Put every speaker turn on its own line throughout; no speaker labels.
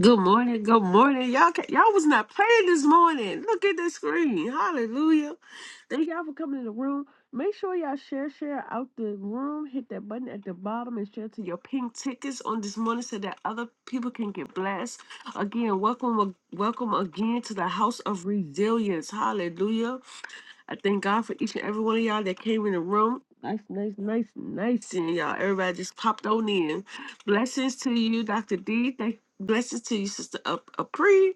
Good morning, good morning. Y'all ca- y'all was not playing this morning. Look at the screen. Hallelujah. Thank y'all for coming in the room. Make sure y'all share, share out the room. Hit that button at the bottom and share to your pink tickets on this morning so that other people can get blessed. Again, welcome welcome again to the house of resilience. Hallelujah. I thank God for each and every one of y'all that came in the room. Nice, nice, nice, nice seeing y'all. Everybody just popped on in. Blessings to you, Dr. D. Thank blessings to you, Sister Ap- Apri.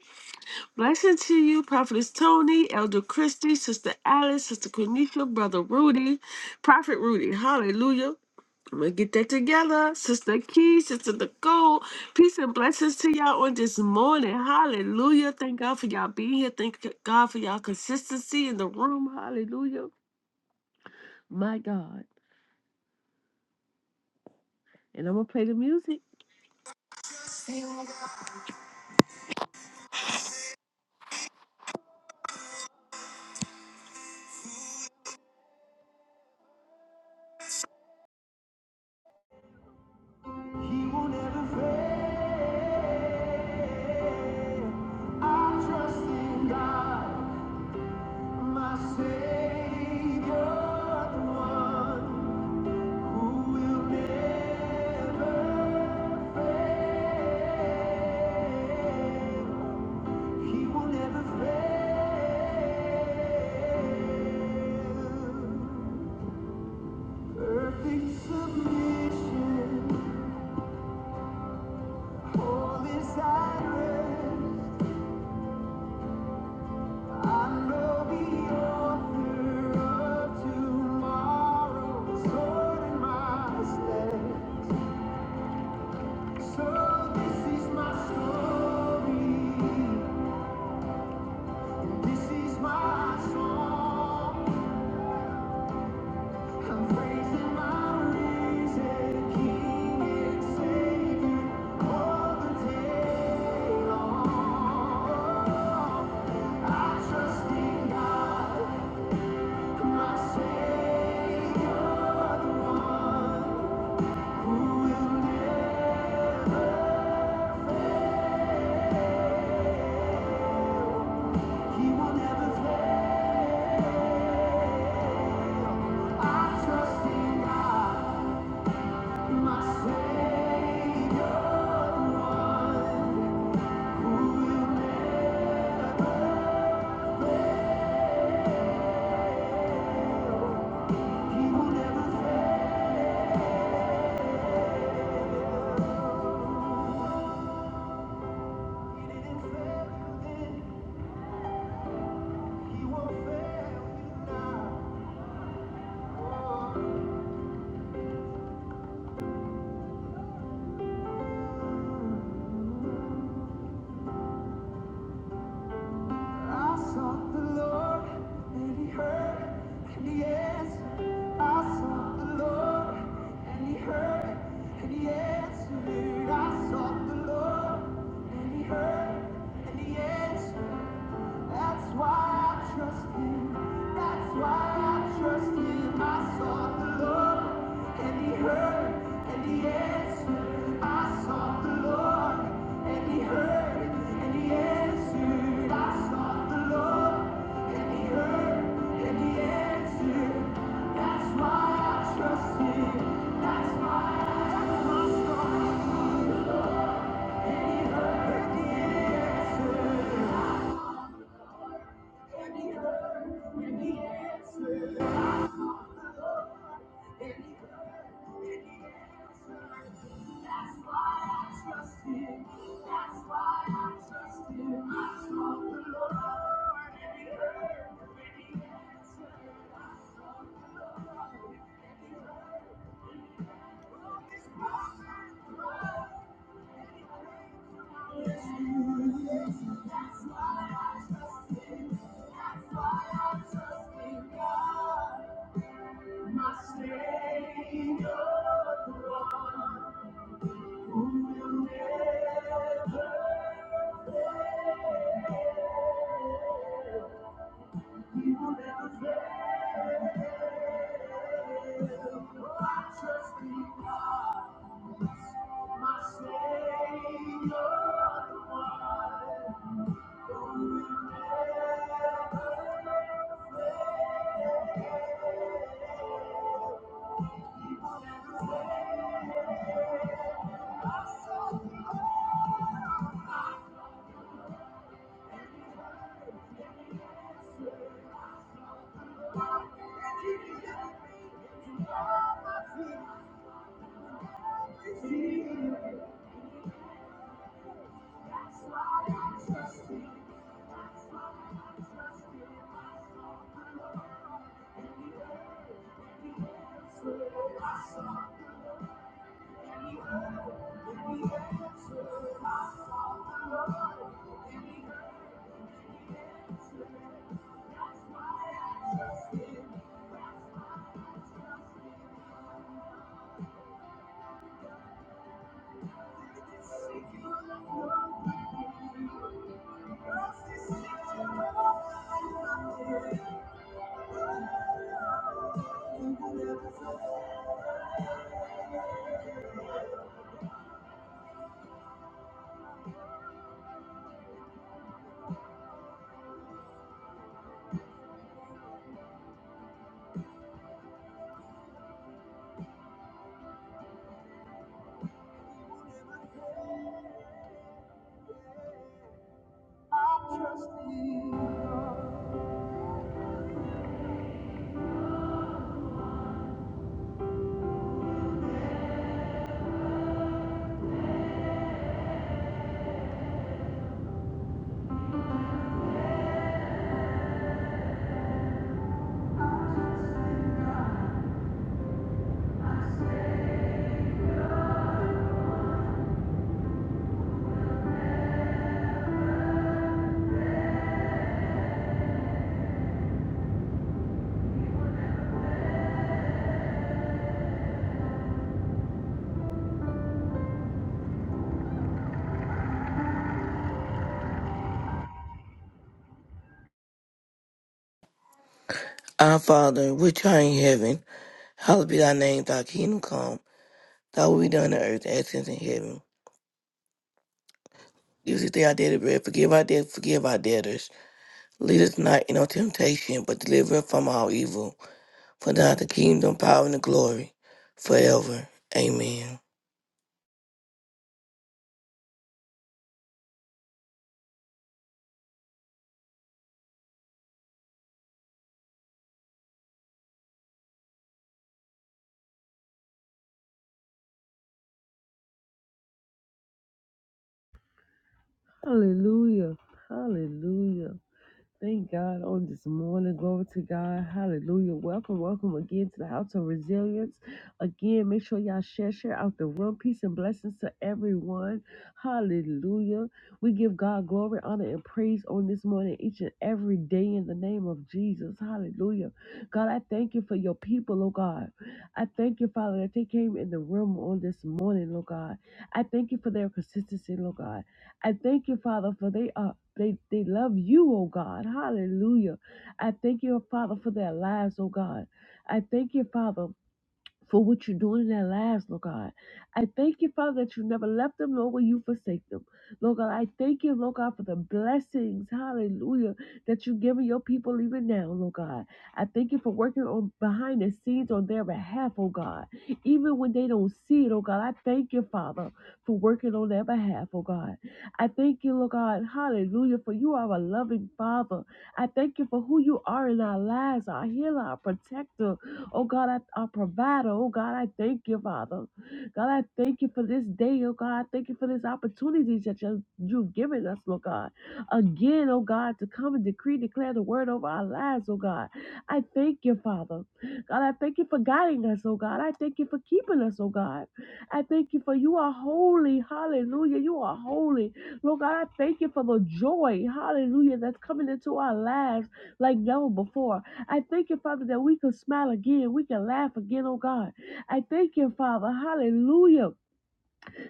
Blessings to you, Prophetess Tony, Elder Christie, Sister Alice, Sister Quenisha, Brother Rudy, Prophet Rudy. Hallelujah. I'm gonna get that together. Sister Key, Sister Nicole, peace and blessings to y'all on this morning. Hallelujah. Thank God for y'all being here. Thank God for y'all consistency in the room. Hallelujah. My God. And I'm going to play the music. I trust in God, my Savior, the one who will never fail. He will never fail. Perfect submission, all is at rest. I know the author of tomorrow's order my steps. So this is my story, this is my song. I'm praising my risen King and Savior all the day long. I trust in God, my Savior, the one who will never fail. He will never fail. I trust in God, my Savior, one who will never fail. He didn't fail you then, He won't fail you now. I sought the Lord, and He heard, and He answered. I sought the Lord, and He heard, and He answered. I sought the Lord, and He heard, and He answered. That's why I trust you. That's why I trust him. I sought the Lord and he heard and he answered. I sought the Lord and he heard and he answered. I sought the Lord and he heard and he answered. That's why I trust him. That's why I trust him. And he heard and he answered. My Savior. I Thank you.
Our Father, which art in heaven, hallowed be thy name, thy kingdom come, thy will be done on earth as it is in heaven. Give us this day our daily bread, forgive our debts, forgive our debtors. Lead us not into temptation, but deliver us from all evil. For thine is the kingdom, power, and the glory, forever. Amen.
Hallelujah. Hallelujah. Thank God on this morning. Glory to God. Hallelujah. Welcome, welcome again to the House of Resilience. Again, make sure y'all share, share out the room. Peace and blessings to everyone. Hallelujah. We give God glory, honor, and praise on this morning, each and every day in the name of Jesus. Hallelujah. God, I thank you for your people, oh God. I thank you, Father, that they came in the room on this morning, oh God. I thank you for their consistency, Oh God. I thank you, Father, for they are they they love you, oh God. Hallelujah. I thank you, Father, for their lives, oh God. I thank you, Father for what you're doing in their lives, Lord God. I thank you, Father, that you never left them, nor will you forsake them. Lord God, I thank you, Lord God, for the blessings, hallelujah, that you're giving your people even now, Lord God. I thank you for working on behind the scenes on their behalf, oh God. Even when they don't see it, oh God, I thank you, Father, for working on their behalf, oh God. I thank you, Lord God, hallelujah, for you are a loving Father. I thank you for who you are in our lives, our healer, our protector, Oh God, I, our provider. Oh God, I thank you, Father. God, I thank you for this day. Oh God, I thank you for this opportunity that you, you've given us, Lord God. Again, oh God, to come and decree, declare the word over our lives, oh God. I thank you, Father. God, I thank you for guiding us, oh God. I thank you for keeping us, oh God. I thank you for you are holy. Hallelujah. You are holy. Lord God, I thank you for the joy, hallelujah, that's coming into our lives like never before. I thank you, Father, that we can smile again. We can laugh again, oh God. I thank you, Father. Hallelujah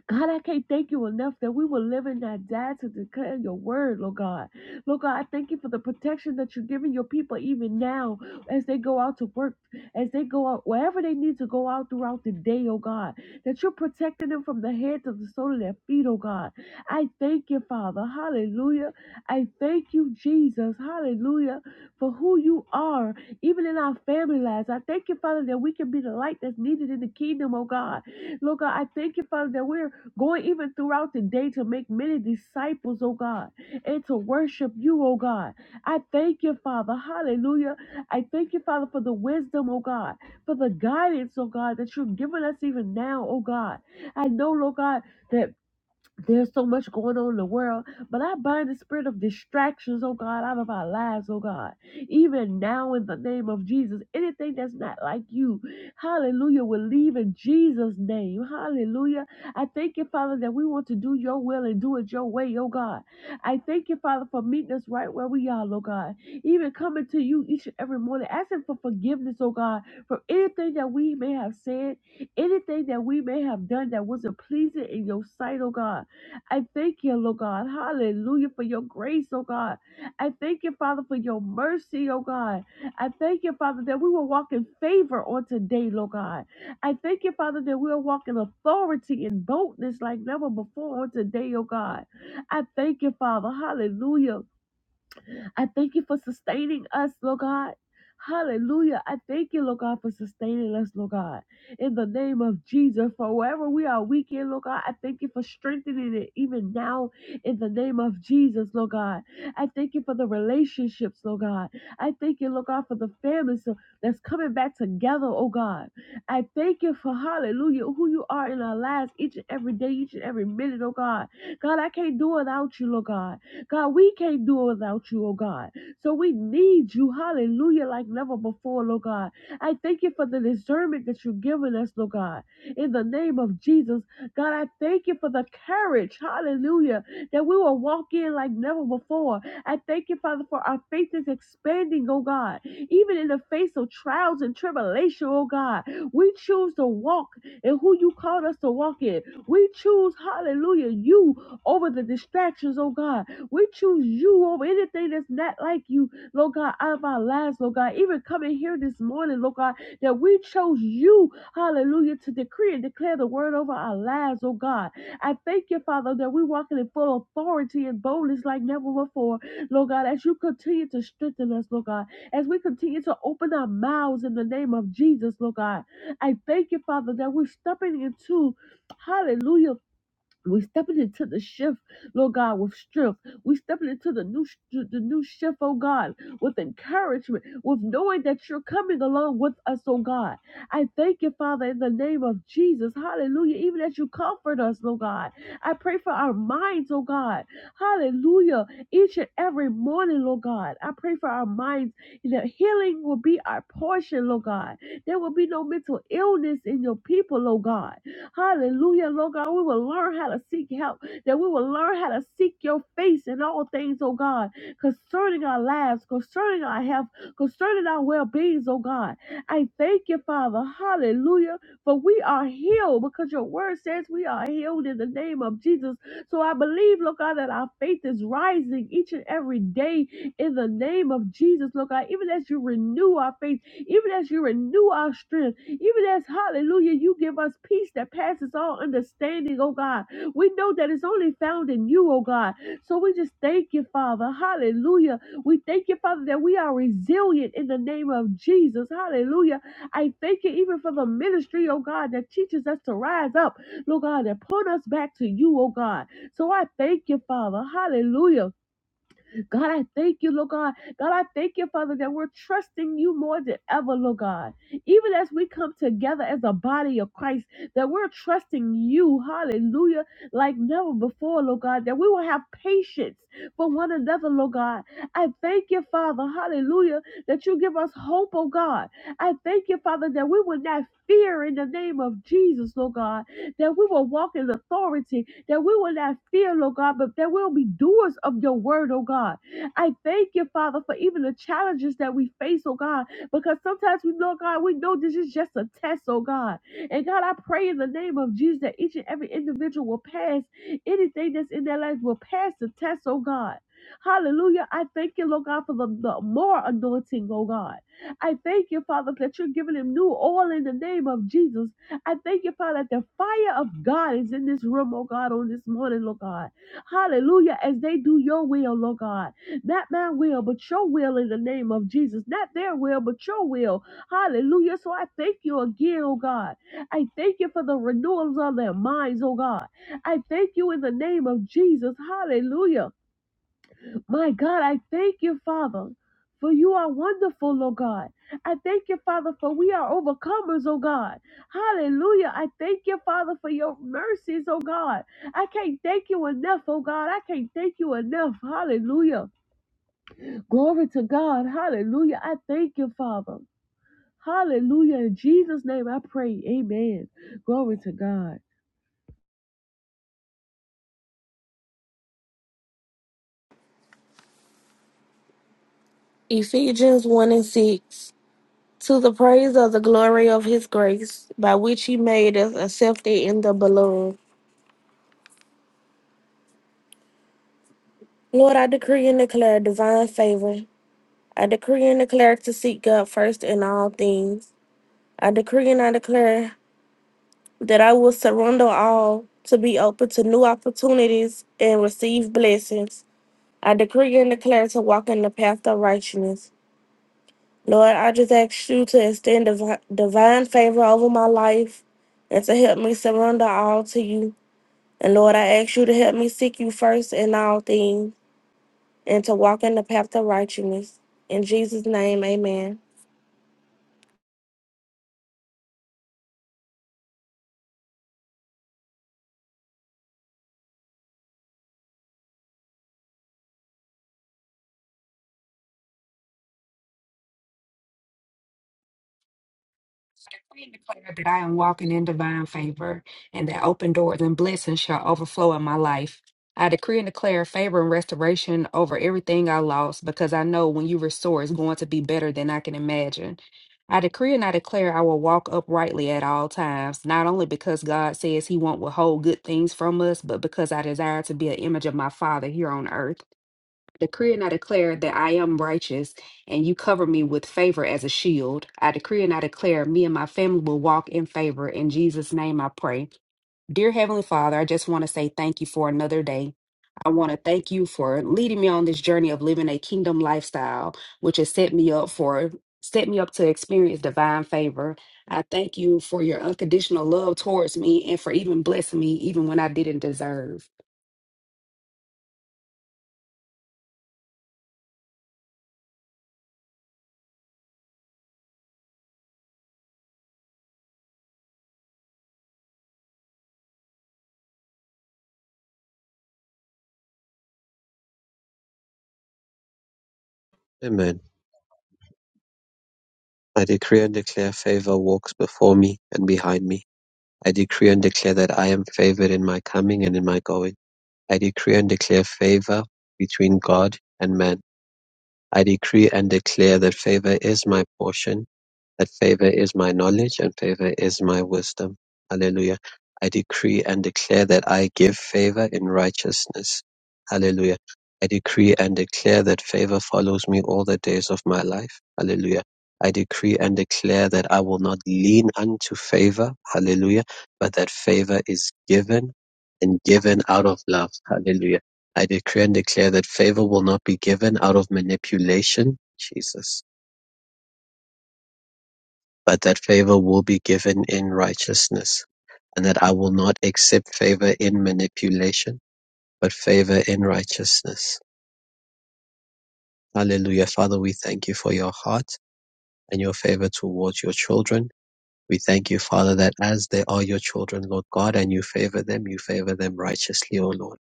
God, I can't thank you enough that we will live and not die to declare your word, Lord God. Lord God, I thank you for the protection that you're giving your people even now as they go out to work, as they go out, wherever they need to go out throughout the day, oh God, that you're protecting them from the head to the sole of their feet, oh God. I thank you, Father. Hallelujah. I thank you, Jesus. Hallelujah. For who you are, even in our family lives. I thank you, Father, that we can be the light that's needed in the kingdom, oh God. Lord God, I thank you, Father, that we're going even throughout the day to make many disciples, oh God, and to worship you, oh God. I thank you, Father. Hallelujah. I thank you, Father, for the wisdom, oh God, for the guidance, oh God, that you have given us even now, oh God. I know, Lord God, that. There's so much going on in the world, but I bind the spirit of distractions, oh God, out of our lives, oh God. Even now, in the name of Jesus, anything that's not like you, hallelujah, will leave in Jesus' name, hallelujah. I thank you, Father, that we want to do your will and do it your way, oh God. I thank you, Father, for meeting us right where we are, oh God. Even coming to you each and every morning, asking for forgiveness, oh God, for anything that we may have said, anything that we may have done that wasn't pleasing in your sight, oh God. I thank you, Lord God. Hallelujah for your grace, oh God. I thank you, Father, for your mercy, oh God. I thank you, Father, that we will walk in favor on today, Lord God. I thank you, Father, that we'll walk in authority and boldness like never before on today, oh God. I thank you, Father. Hallelujah. I thank you for sustaining us, Lord God. Hallelujah. I thank you, Lord God, for sustaining us, Lord God. In the name of Jesus, for wherever we are weak in, Lord God, I thank you for strengthening it even now in the name of Jesus, Lord God. I thank you for the relationships, Lord God. I thank you, Lord God, for the families so- that's coming back together, oh God. I thank you for, hallelujah, who you are in our lives each and every day, each and every minute, oh God. God, I can't do without you, Lord God. God, we can't do it without you, oh God. So we need you, hallelujah, like never before, Lord God. I thank you for the discernment that you've given us, Lord God. In the name of Jesus, God, I thank you for the courage, hallelujah, that we will walk in like never before. I thank you, Father, for our faith is expanding, oh God. Even in the face of trials and tribulation, oh God, we choose to walk in who you called us to walk in. We choose, hallelujah, you over the distractions, oh God. We choose you over anything that's not like you, Lord God, out of our lives, Lord God. Even coming here this morning, Lord God, that we chose you, hallelujah, to decree and declare the word over our lives, oh God. I thank you, Father, that we're walking in full authority and boldness like never before, Lord God, as you continue to strengthen us, Lord God, as we continue to open our mouths in the name of Jesus, Lord God. I thank you, Father, that we're stepping into, hallelujah we're stepping into the shift, Lord God, with strength. We're stepping into the new sh- the new shift, oh God, with encouragement, with knowing that you're coming along with us, oh God. I thank you, Father, in the name of Jesus. Hallelujah. Even as you comfort us, Lord God. I pray for our minds, oh God. Hallelujah. Each and every morning, Lord God. I pray for our minds. That healing will be our portion, Lord God. There will be no mental illness in your people, Lord God. Hallelujah, Lord God. We will learn how to seek help, that we will learn how to seek your face in all things, oh God, concerning our lives, concerning our health, concerning our well beings, oh God. I thank you, Father. Hallelujah. For we are healed because your word says we are healed in the name of Jesus. So I believe, Lord God, that our faith is rising each and every day in the name of Jesus, Lord God. Even as you renew our faith, even as you renew our strength, even as, hallelujah, you give us peace that passes all understanding, oh God. We know that it's only found in you, oh God. So we just thank you, Father. Hallelujah. We thank you, Father, that we are resilient in the name of Jesus. Hallelujah. I thank you even for the ministry, oh God, that teaches us to rise up, Lord God, that put us back to you, oh God. So I thank you, Father. Hallelujah God, I thank you, Lord God. God, I thank you, Father, that we're trusting you more than ever, Lord God. Even as we come together as a body of Christ, that we're trusting you, hallelujah, like never before, Lord God, that we will have patience for one another, Lord God. I thank you, Father, hallelujah, that you give us hope, oh God. I thank you, Father, that we will not fear in the name of Jesus, Lord God, that we will walk in authority, that we will not fear, Lord God, but that we'll be doers of your word, oh God. I thank you, Father, for even the challenges that we face, oh God, because sometimes we know, God, we know this is just a test, oh God. And God, I pray in the name of Jesus that each and every individual will pass anything that's in their lives, will pass the test, oh God. Hallelujah. I thank you, Lord God, for the, the more anointing, oh God. I thank you, Father, that you're giving him new oil in the name of Jesus. I thank you, Father, that the fire of God is in this room, oh God, on this morning, Lord God. Hallelujah. As they do your will, Lord God. Not my will, but your will in the name of Jesus. Not their will, but your will. Hallelujah. So I thank you again, oh God. I thank you for the renewals of their minds, oh God. I thank you in the name of Jesus. Hallelujah. My God, I thank you, Father. For you are wonderful, oh God. I thank you, Father, for we are overcomers, oh God. Hallelujah. I thank you, Father, for your mercies, oh God. I can't thank you enough, oh God. I can't thank you enough. Hallelujah. Glory to God. Hallelujah. I thank you, Father. Hallelujah. In Jesus' name I pray. Amen. Glory to God.
Ephesians 1 and 6. To the praise of the glory of his grace, by which he made us accepted in the beloved. Lord, I decree and declare divine favor. I decree and declare to seek God first in all things. I decree and I declare that I will surrender all to be open to new opportunities and receive blessings. I decree and declare to walk in the path of righteousness. Lord, I just ask you to extend divi- divine favor over my life and to help me surrender all to you. And Lord, I ask you to help me seek you first in all things and to walk in the path of righteousness. In Jesus' name, amen.
I decree and declare that I am walking in divine favor and that open doors and blessings shall overflow in my life. I decree and declare favor and restoration over everything I lost because I know when you restore, it's going to be better than I can imagine. I decree and I declare I will walk uprightly at all times, not only because God says He won't withhold good things from us, but because I desire to be an image of my Father here on earth decree and I declare that I am righteous, and you cover me with favor as a shield. I decree and I declare me and my family will walk in favor. In Jesus' name I pray. Dear Heavenly Father, I just want to say thank you for another day. I want to thank you for leading me on this journey of living a kingdom lifestyle, which has set me up for set me up to experience divine favor. I thank you for your unconditional love towards me and for even blessing me even when I didn't deserve.
Amen. I decree and declare favor walks before me and behind me. I decree and declare that I am favored in my coming and in my going. I decree and declare favor between God and man. I decree and declare that favor is my portion that favor is my knowledge and favor is my wisdom. Hallelujah. I decree and declare that I give favor in righteousness. Hallelujah. I decree and declare that favor follows me all the days of my life. Hallelujah. I decree and declare that I will not lean unto favor. Hallelujah. But that favor is given and given out of love. Hallelujah. I decree and declare that favor will not be given out of manipulation. Jesus. But that favor will be given in righteousness, and that I will not accept favor in manipulation, but favor in righteousness. Hallelujah. Father, we thank you for your heart and your favor towards your children. We thank you, Father, that as they are your children, Lord God, and you favor them, you favor them righteously, O Lord.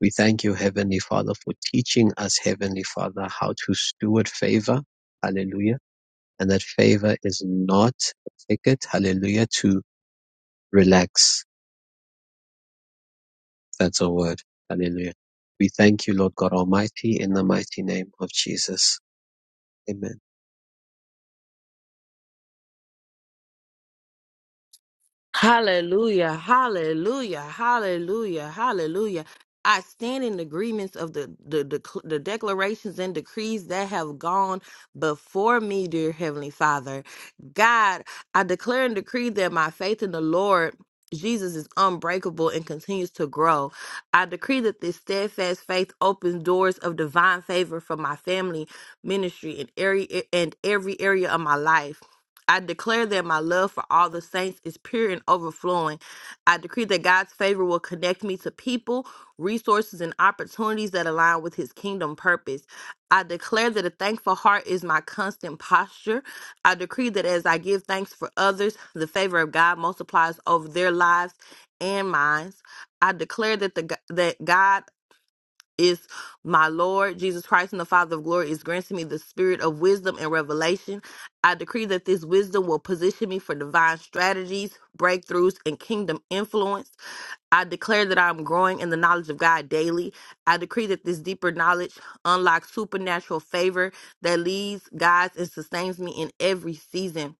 We thank you, Heavenly Father, for teaching us, Heavenly Father, how to steward favor. Hallelujah. And that favor is not a ticket, hallelujah, to relax That's our word. Hallelujah. We thank you, Lord God Almighty, in the mighty name of Jesus. Amen.
Hallelujah, hallelujah, hallelujah, hallelujah. I stand in agreements of the, the, the, the declarations and decrees that have gone before me, dear Heavenly Father. God, I declare and decree that my faith in the Lord. Jesus is unbreakable and continues to grow. I decree that this steadfast faith opens doors of divine favor for my family, ministry, and every and every area of my life. I declare that my love for all the saints is pure and overflowing. I decree that God's favor will connect me to people, resources, and opportunities that align with his kingdom purpose. I declare that a thankful heart is my constant posture. I decree that as I give thanks for others, the favor of God multiplies over their lives and minds. I declare that the that God is my Lord Jesus Christ and the Father of glory is granting me the spirit of wisdom and revelation. I decree that this wisdom will position me for divine strategies, breakthroughs, and kingdom influence. I declare that I'm growing in the knowledge of God daily. I decree that this deeper knowledge unlocks supernatural favor that leads, guides, and sustains me in every season.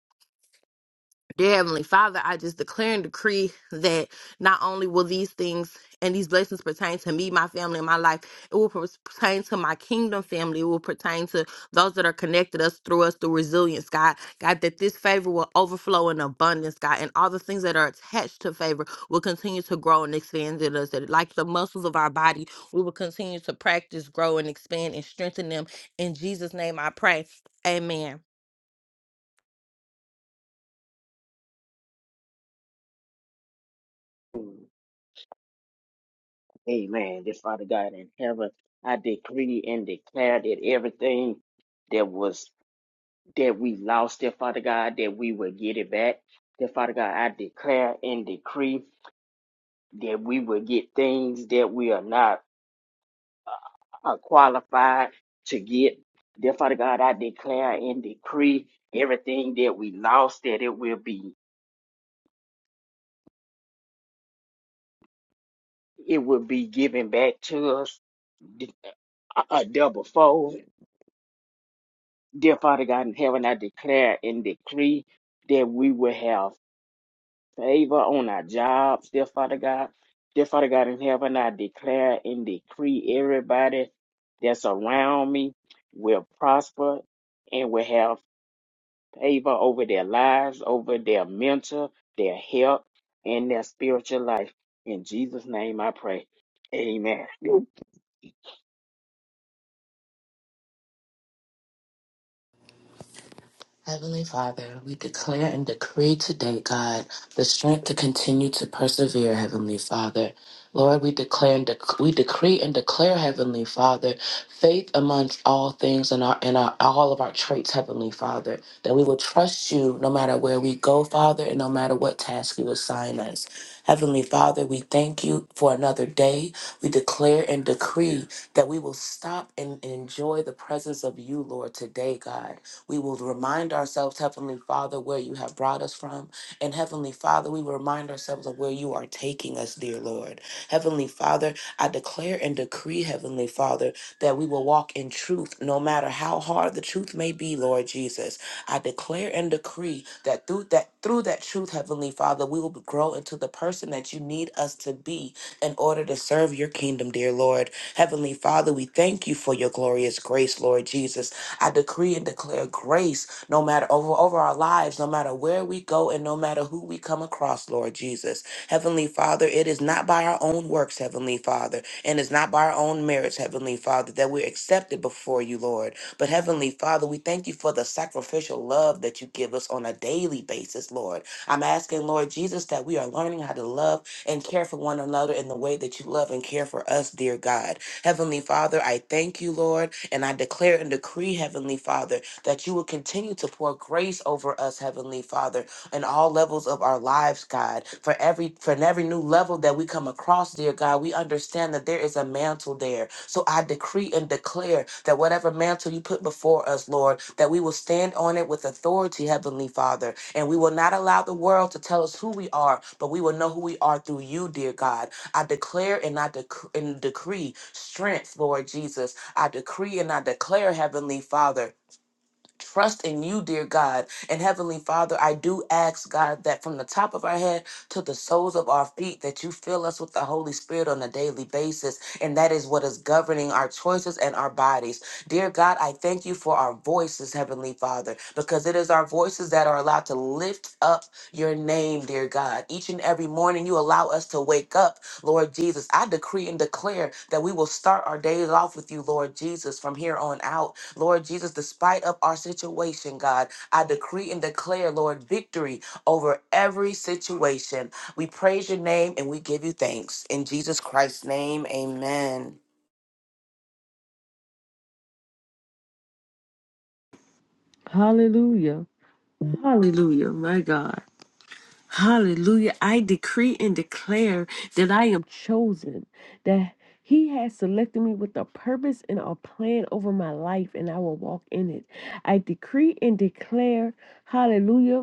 Dear Heavenly Father, I just declare and decree that not only will these things and these blessings pertain to me, my family, and my life, it will pertain to my kingdom family. It will pertain to those that are connected us through us through resilience, God. God, that this favor will overflow in abundance, God, and all the things that are attached to favor will continue to grow and expand in us. That like the muscles of our body, we will continue to practice, grow, and expand and strengthen them. In Jesus' name I pray. Amen.
Amen. Dear Father God in heaven, I decree and declare that everything that was that we lost, dear Father God, that we will get it back. Dear Father God, I declare and decree that we will get things that we are not uh, qualified to get. Dear Father God, I declare and decree everything that we lost that it will be it will be given back to us a a double fold Dear Father God in heaven, I declare and decree that we will have favor on our jobs, dear Father God. Dear Father God in heaven, I declare and decree everybody that's around me will prosper and will have favor over their lives, over their mental, their health, and their spiritual life. In Jesus' name I pray. Amen.
Heavenly Father, we declare and decree today, God, the strength to continue to persevere, Heavenly Father. Lord, we declare and dec- we decree and declare, Heavenly Father, faith amongst all things and our and our, all of our traits, Heavenly Father, that we will trust you no matter where we go, Father, and no matter what task you assign us. Heavenly Father, we thank you for another day. We declare and decree that we will stop and enjoy the presence of you, Lord, today, God. We will remind ourselves, Heavenly Father, where you have brought us from. And Heavenly Father, we will remind ourselves of where you are taking us, dear Lord. Heavenly Father, I declare and decree, Heavenly Father, that we will walk in truth no matter how hard the truth may be, Lord Jesus. I declare and decree that through that through that truth, Heavenly Father, we will grow into the person that you need us to be in order to serve your kingdom, dear Lord. Heavenly Father, we thank you for your glorious grace, Lord Jesus. I decree and declare grace no matter over, over our lives, no matter where we go and no matter who we come across, Lord Jesus. Heavenly Father, it is not by our own works, Heavenly Father, and it's not by our own merits, Heavenly Father, that we're accepted before you, Lord. But Heavenly Father, we thank you for the sacrificial love that you give us on a daily basis, Lord. I'm asking, Lord Jesus, that we are learning how to love and care for one another in the way that you love and care for us, dear God. Heavenly Father, I thank you, Lord, and I declare and decree, Heavenly Father, that you will continue to pour grace over us, Heavenly Father, in all levels of our lives, God. For every for every new level that we come across, dear God, we understand that there is a mantle there. So I decree and declare that whatever mantle you put before us, Lord, that we will stand on it with authority, Heavenly Father, and we will not allow the world to tell us who we are, but we will know who we are through you, dear God. I declare and I dec- and decree strength, Lord Jesus. I decree and I declare, Heavenly Father. Trust in you, dear God. And Heavenly Father, I do ask, God, that from the top of our head to the soles of our feet, that you fill us with the Holy Spirit on a daily basis. And that is what is governing our choices and our bodies. Dear God, I thank you for our voices, Heavenly Father, because it is our voices that are allowed to lift up your name, dear God. Each and every morning, you allow us to wake up Lord Jesus. I decree and declare that we will start our days off with you, Lord Jesus, from here on out. Lord Jesus, despite of our situation, God, I decree and declare, Lord, victory over every situation. We praise your name and we give you thanks. In Jesus Christ's name, amen.
Hallelujah. Hallelujah. My God. Hallelujah. I decree and declare that I am chosen, that He has selected me with a purpose and a plan over my life, and I will walk in it. I decree and declare, hallelujah,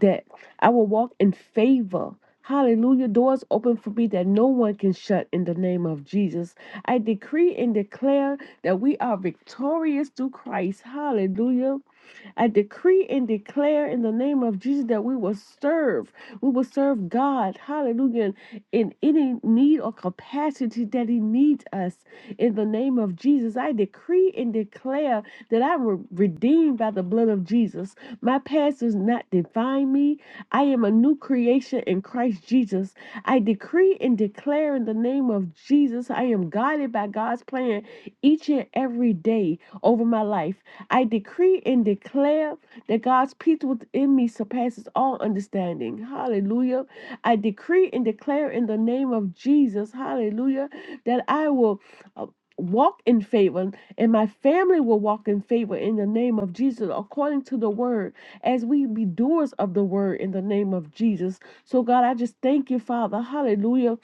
that I will walk in favor. Hallelujah. Doors open for me that no one can shut in the name of Jesus. I decree and declare that we are victorious through Christ. Hallelujah I decree and declare in the name of Jesus that we will serve. We will serve God. Hallelujah. In any need or capacity that He needs us. In the name of Jesus, I decree and declare that I'm re- redeemed by the blood of Jesus. My past does not define me. I am a new creation in Christ Jesus. I decree and declare in the name of Jesus, I am guided by God's plan each and every day over my life. I decree and declare that God's peace within me surpasses all understanding. Hallelujah. I decree and declare in the name of Jesus, hallelujah, that I will uh, walk in favor and my family will walk in favor in the name of Jesus according to the word as we be doers of the word in the name of Jesus. So God, I just thank you, Father. Hallelujah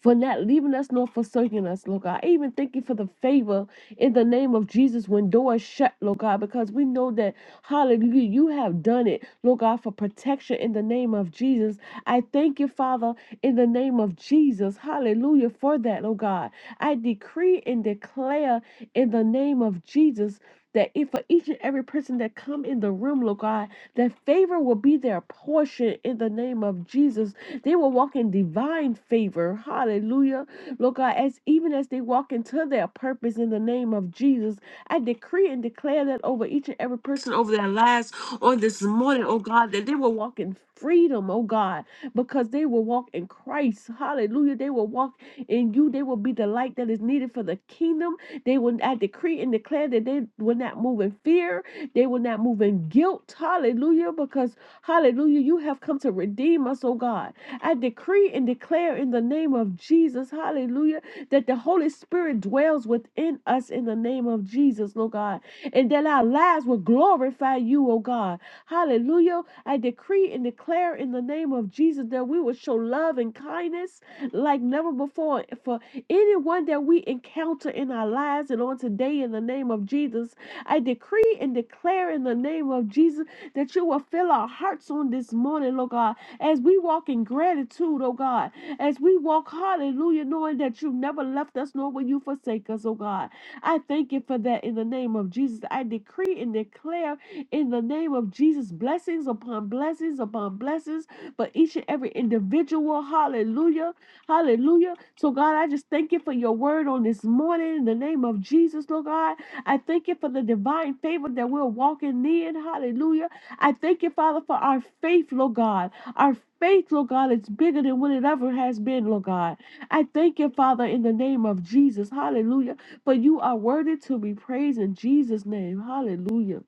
for not leaving us nor forsaking us, Lord God. I even thank you for the favor in the name of Jesus when doors shut, Lord God, because we know that, hallelujah, you have done it, Lord God, for protection in the name of Jesus. I thank you, Father, in the name of Jesus, hallelujah, for that, Lord God. I decree and declare in the name of Jesus. That if for each and every person that come in the room, Lord God, that favor will be their portion in the name of Jesus, they will walk in divine favor. Hallelujah. Lord God, as even as they walk into their purpose in the name of Jesus, I decree and declare that over each and every person over their lives on this morning, oh God, that they will walk in freedom, oh God, because they will walk in Christ. Hallelujah. They will walk in you. They will be the light that is needed for the kingdom. They will, I decree and declare that they will not move in fear. They will not move in guilt. Hallelujah. Because, hallelujah, you have come to redeem us, oh God. I decree and declare in the name of Jesus, hallelujah, that the Holy Spirit dwells within us in the name of Jesus, Lord God, and that our lives will glorify you, oh God. Hallelujah. I decree and declare in the name of Jesus that we will show love and kindness like never before for anyone that we encounter in our lives and on today in the name of Jesus. I decree and declare in the name of Jesus that you will fill our hearts on this morning, Lord God as we walk in gratitude, oh God, as we walk, hallelujah, knowing that you never left us nor will you forsake us, oh God. I thank you for that in the name of Jesus. I decree and declare in the name of Jesus blessings upon blessings upon blessings for each and every individual, hallelujah, hallelujah. So, God, I just thank you for your word on this morning in the name of Jesus, Lord God. I thank you for the divine favor that we're walking in, hallelujah. I thank you, Father, for our faith, Lord God. Our faith, Lord God, is bigger than what it ever has been, Lord God. I thank you, Father, in the name of Jesus. Hallelujah. For you are worthy to be praised in Jesus' name. Hallelujah.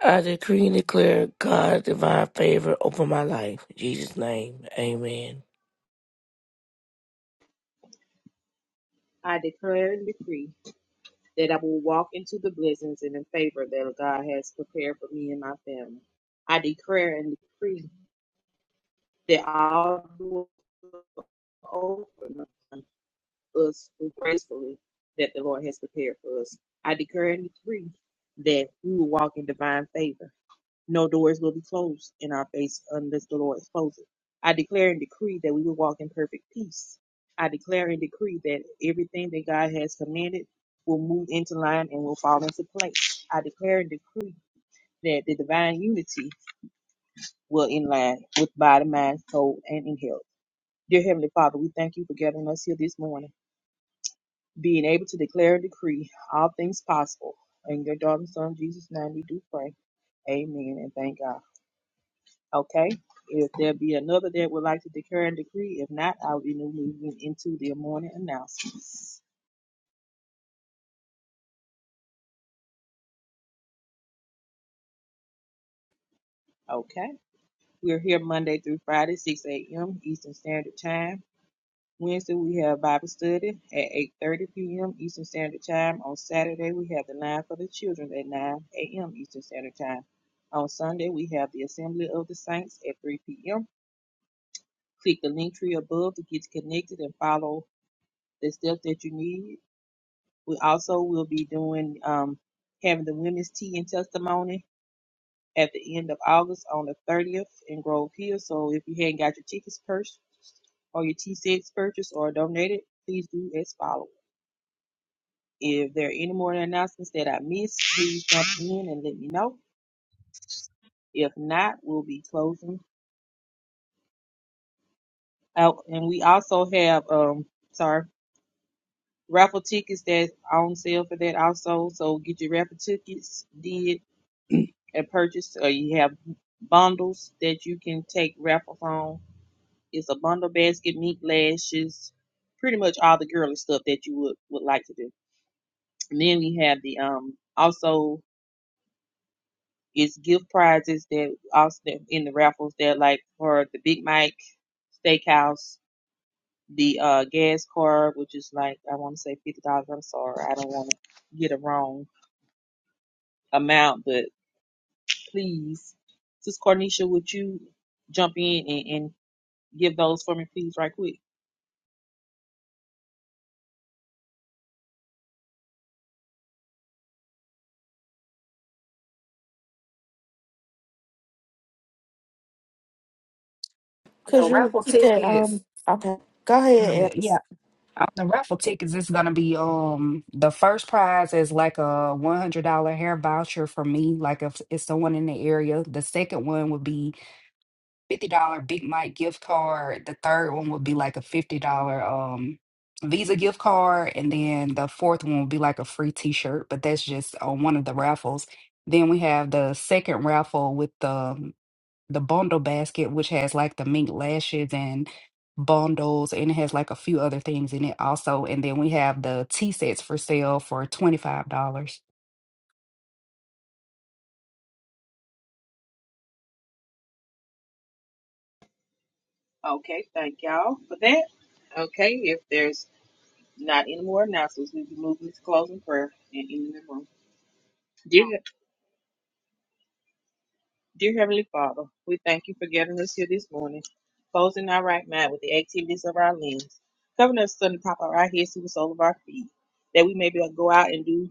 I decree and declare God's divine favor over my life. In Jesus' name, amen.
I declare and decree that I will walk into the blessings and the favor that God has prepared for me and my family. I declare and decree that all doors will open upon us gracefully that the Lord has prepared for us. I declare and decree that we will walk in divine favor. No doors will be closed in our face unless the Lord closes it. I declare and decree that we will walk in perfect peace. I declare and decree that everything that God has commanded will move into line and will fall into place. I declare and decree that the divine unity will in line with body, mind, soul, and in health. Dear Heavenly Father, we thank you for gathering us here this morning, being able to declare and decree all things possible. In your daughter's son Jesus' name, we do pray. Amen and thank God. Okay, if there be another that would like to declare and decree, if not, I'll be moving into the morning announcements. Okay, we're here Monday through Friday, six AM Eastern Standard Time. Wednesday, we have Bible study at eight thirty PM Eastern Standard Time. On Saturday, we have the line for the children at nine AM Eastern Standard Time. On Sunday, we have the Assembly of the Saints at three PM. Click the link tree above to get connected and follow the steps that you need We also will be doing um, having the women's tea and testimony at the end of August on the 30th in Grove Hill. So if you hadn't got your tickets purchased or your tea sets purchased or donated, please do as follows. If there are any more announcements that I missed, please jump in and let me know. If not, we'll be closing out. And we also have, um, sorry, raffle tickets that's on sale for that also. So get your raffle tickets did and purchase, or you have bundles that you can take raffles on. It's a bundle basket, meat lashes, pretty much all the girly stuff that you would, would like to do. And then we have the um also it's gift prizes that also that in the raffles that like for the Big Mike Steakhouse, the uh gas card, which is like I want to say fifty dollars. I'm sorry, I don't want to get a wrong amount, but please, Sis Cornisha, would you jump in and, and give those for me, please, right quick?
The
Could you
raffle
repeat that?
tickets.
Um, okay. Go
Go
ahead.
ahead. On the raffle tickets, it's gonna be um the first prize is like a one hundred dollar hair voucher for me, like if it's someone in the area. The second one would be fifty dollar Big Mike gift card. The third one would be like a fifty dollar um Visa gift card, and then the fourth one would be like a free T shirt. But that's just on one of the raffles. Then we have the second raffle with the the bundle basket, which has like the mink lashes and bundles, and it has like a few other things in it also. And then we have the tea sets for sale for $25.
Okay, thank y'all for that. Okay, if there's not any more announcements, we'll be moving to closing prayer and ending the room. Dear, dear Heavenly Father, we thank you for getting us here this morning, closing our right mind with the activities of our limbs, covering us from the top of our heads to the sole of our feet, that we may be able to go out and do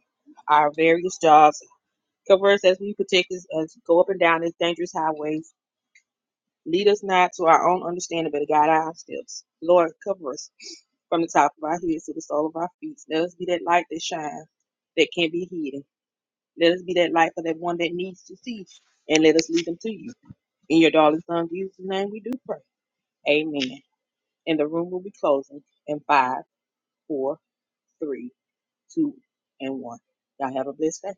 our various jobs. Cover us as we protect us, as we go up and down these dangerous highways. Lead us not to our own understanding, but guide our steps. Lord, cover us from the top of our heads to the sole of our feet. Let us be that light that shines, that can't be hidden. Let us be that light for that one that needs to see, and let us lead them to you. In your darling son Jesus' name, we do pray. Amen. And the room will be closing in five, four, three, two, and one. Y'all have a blessed day.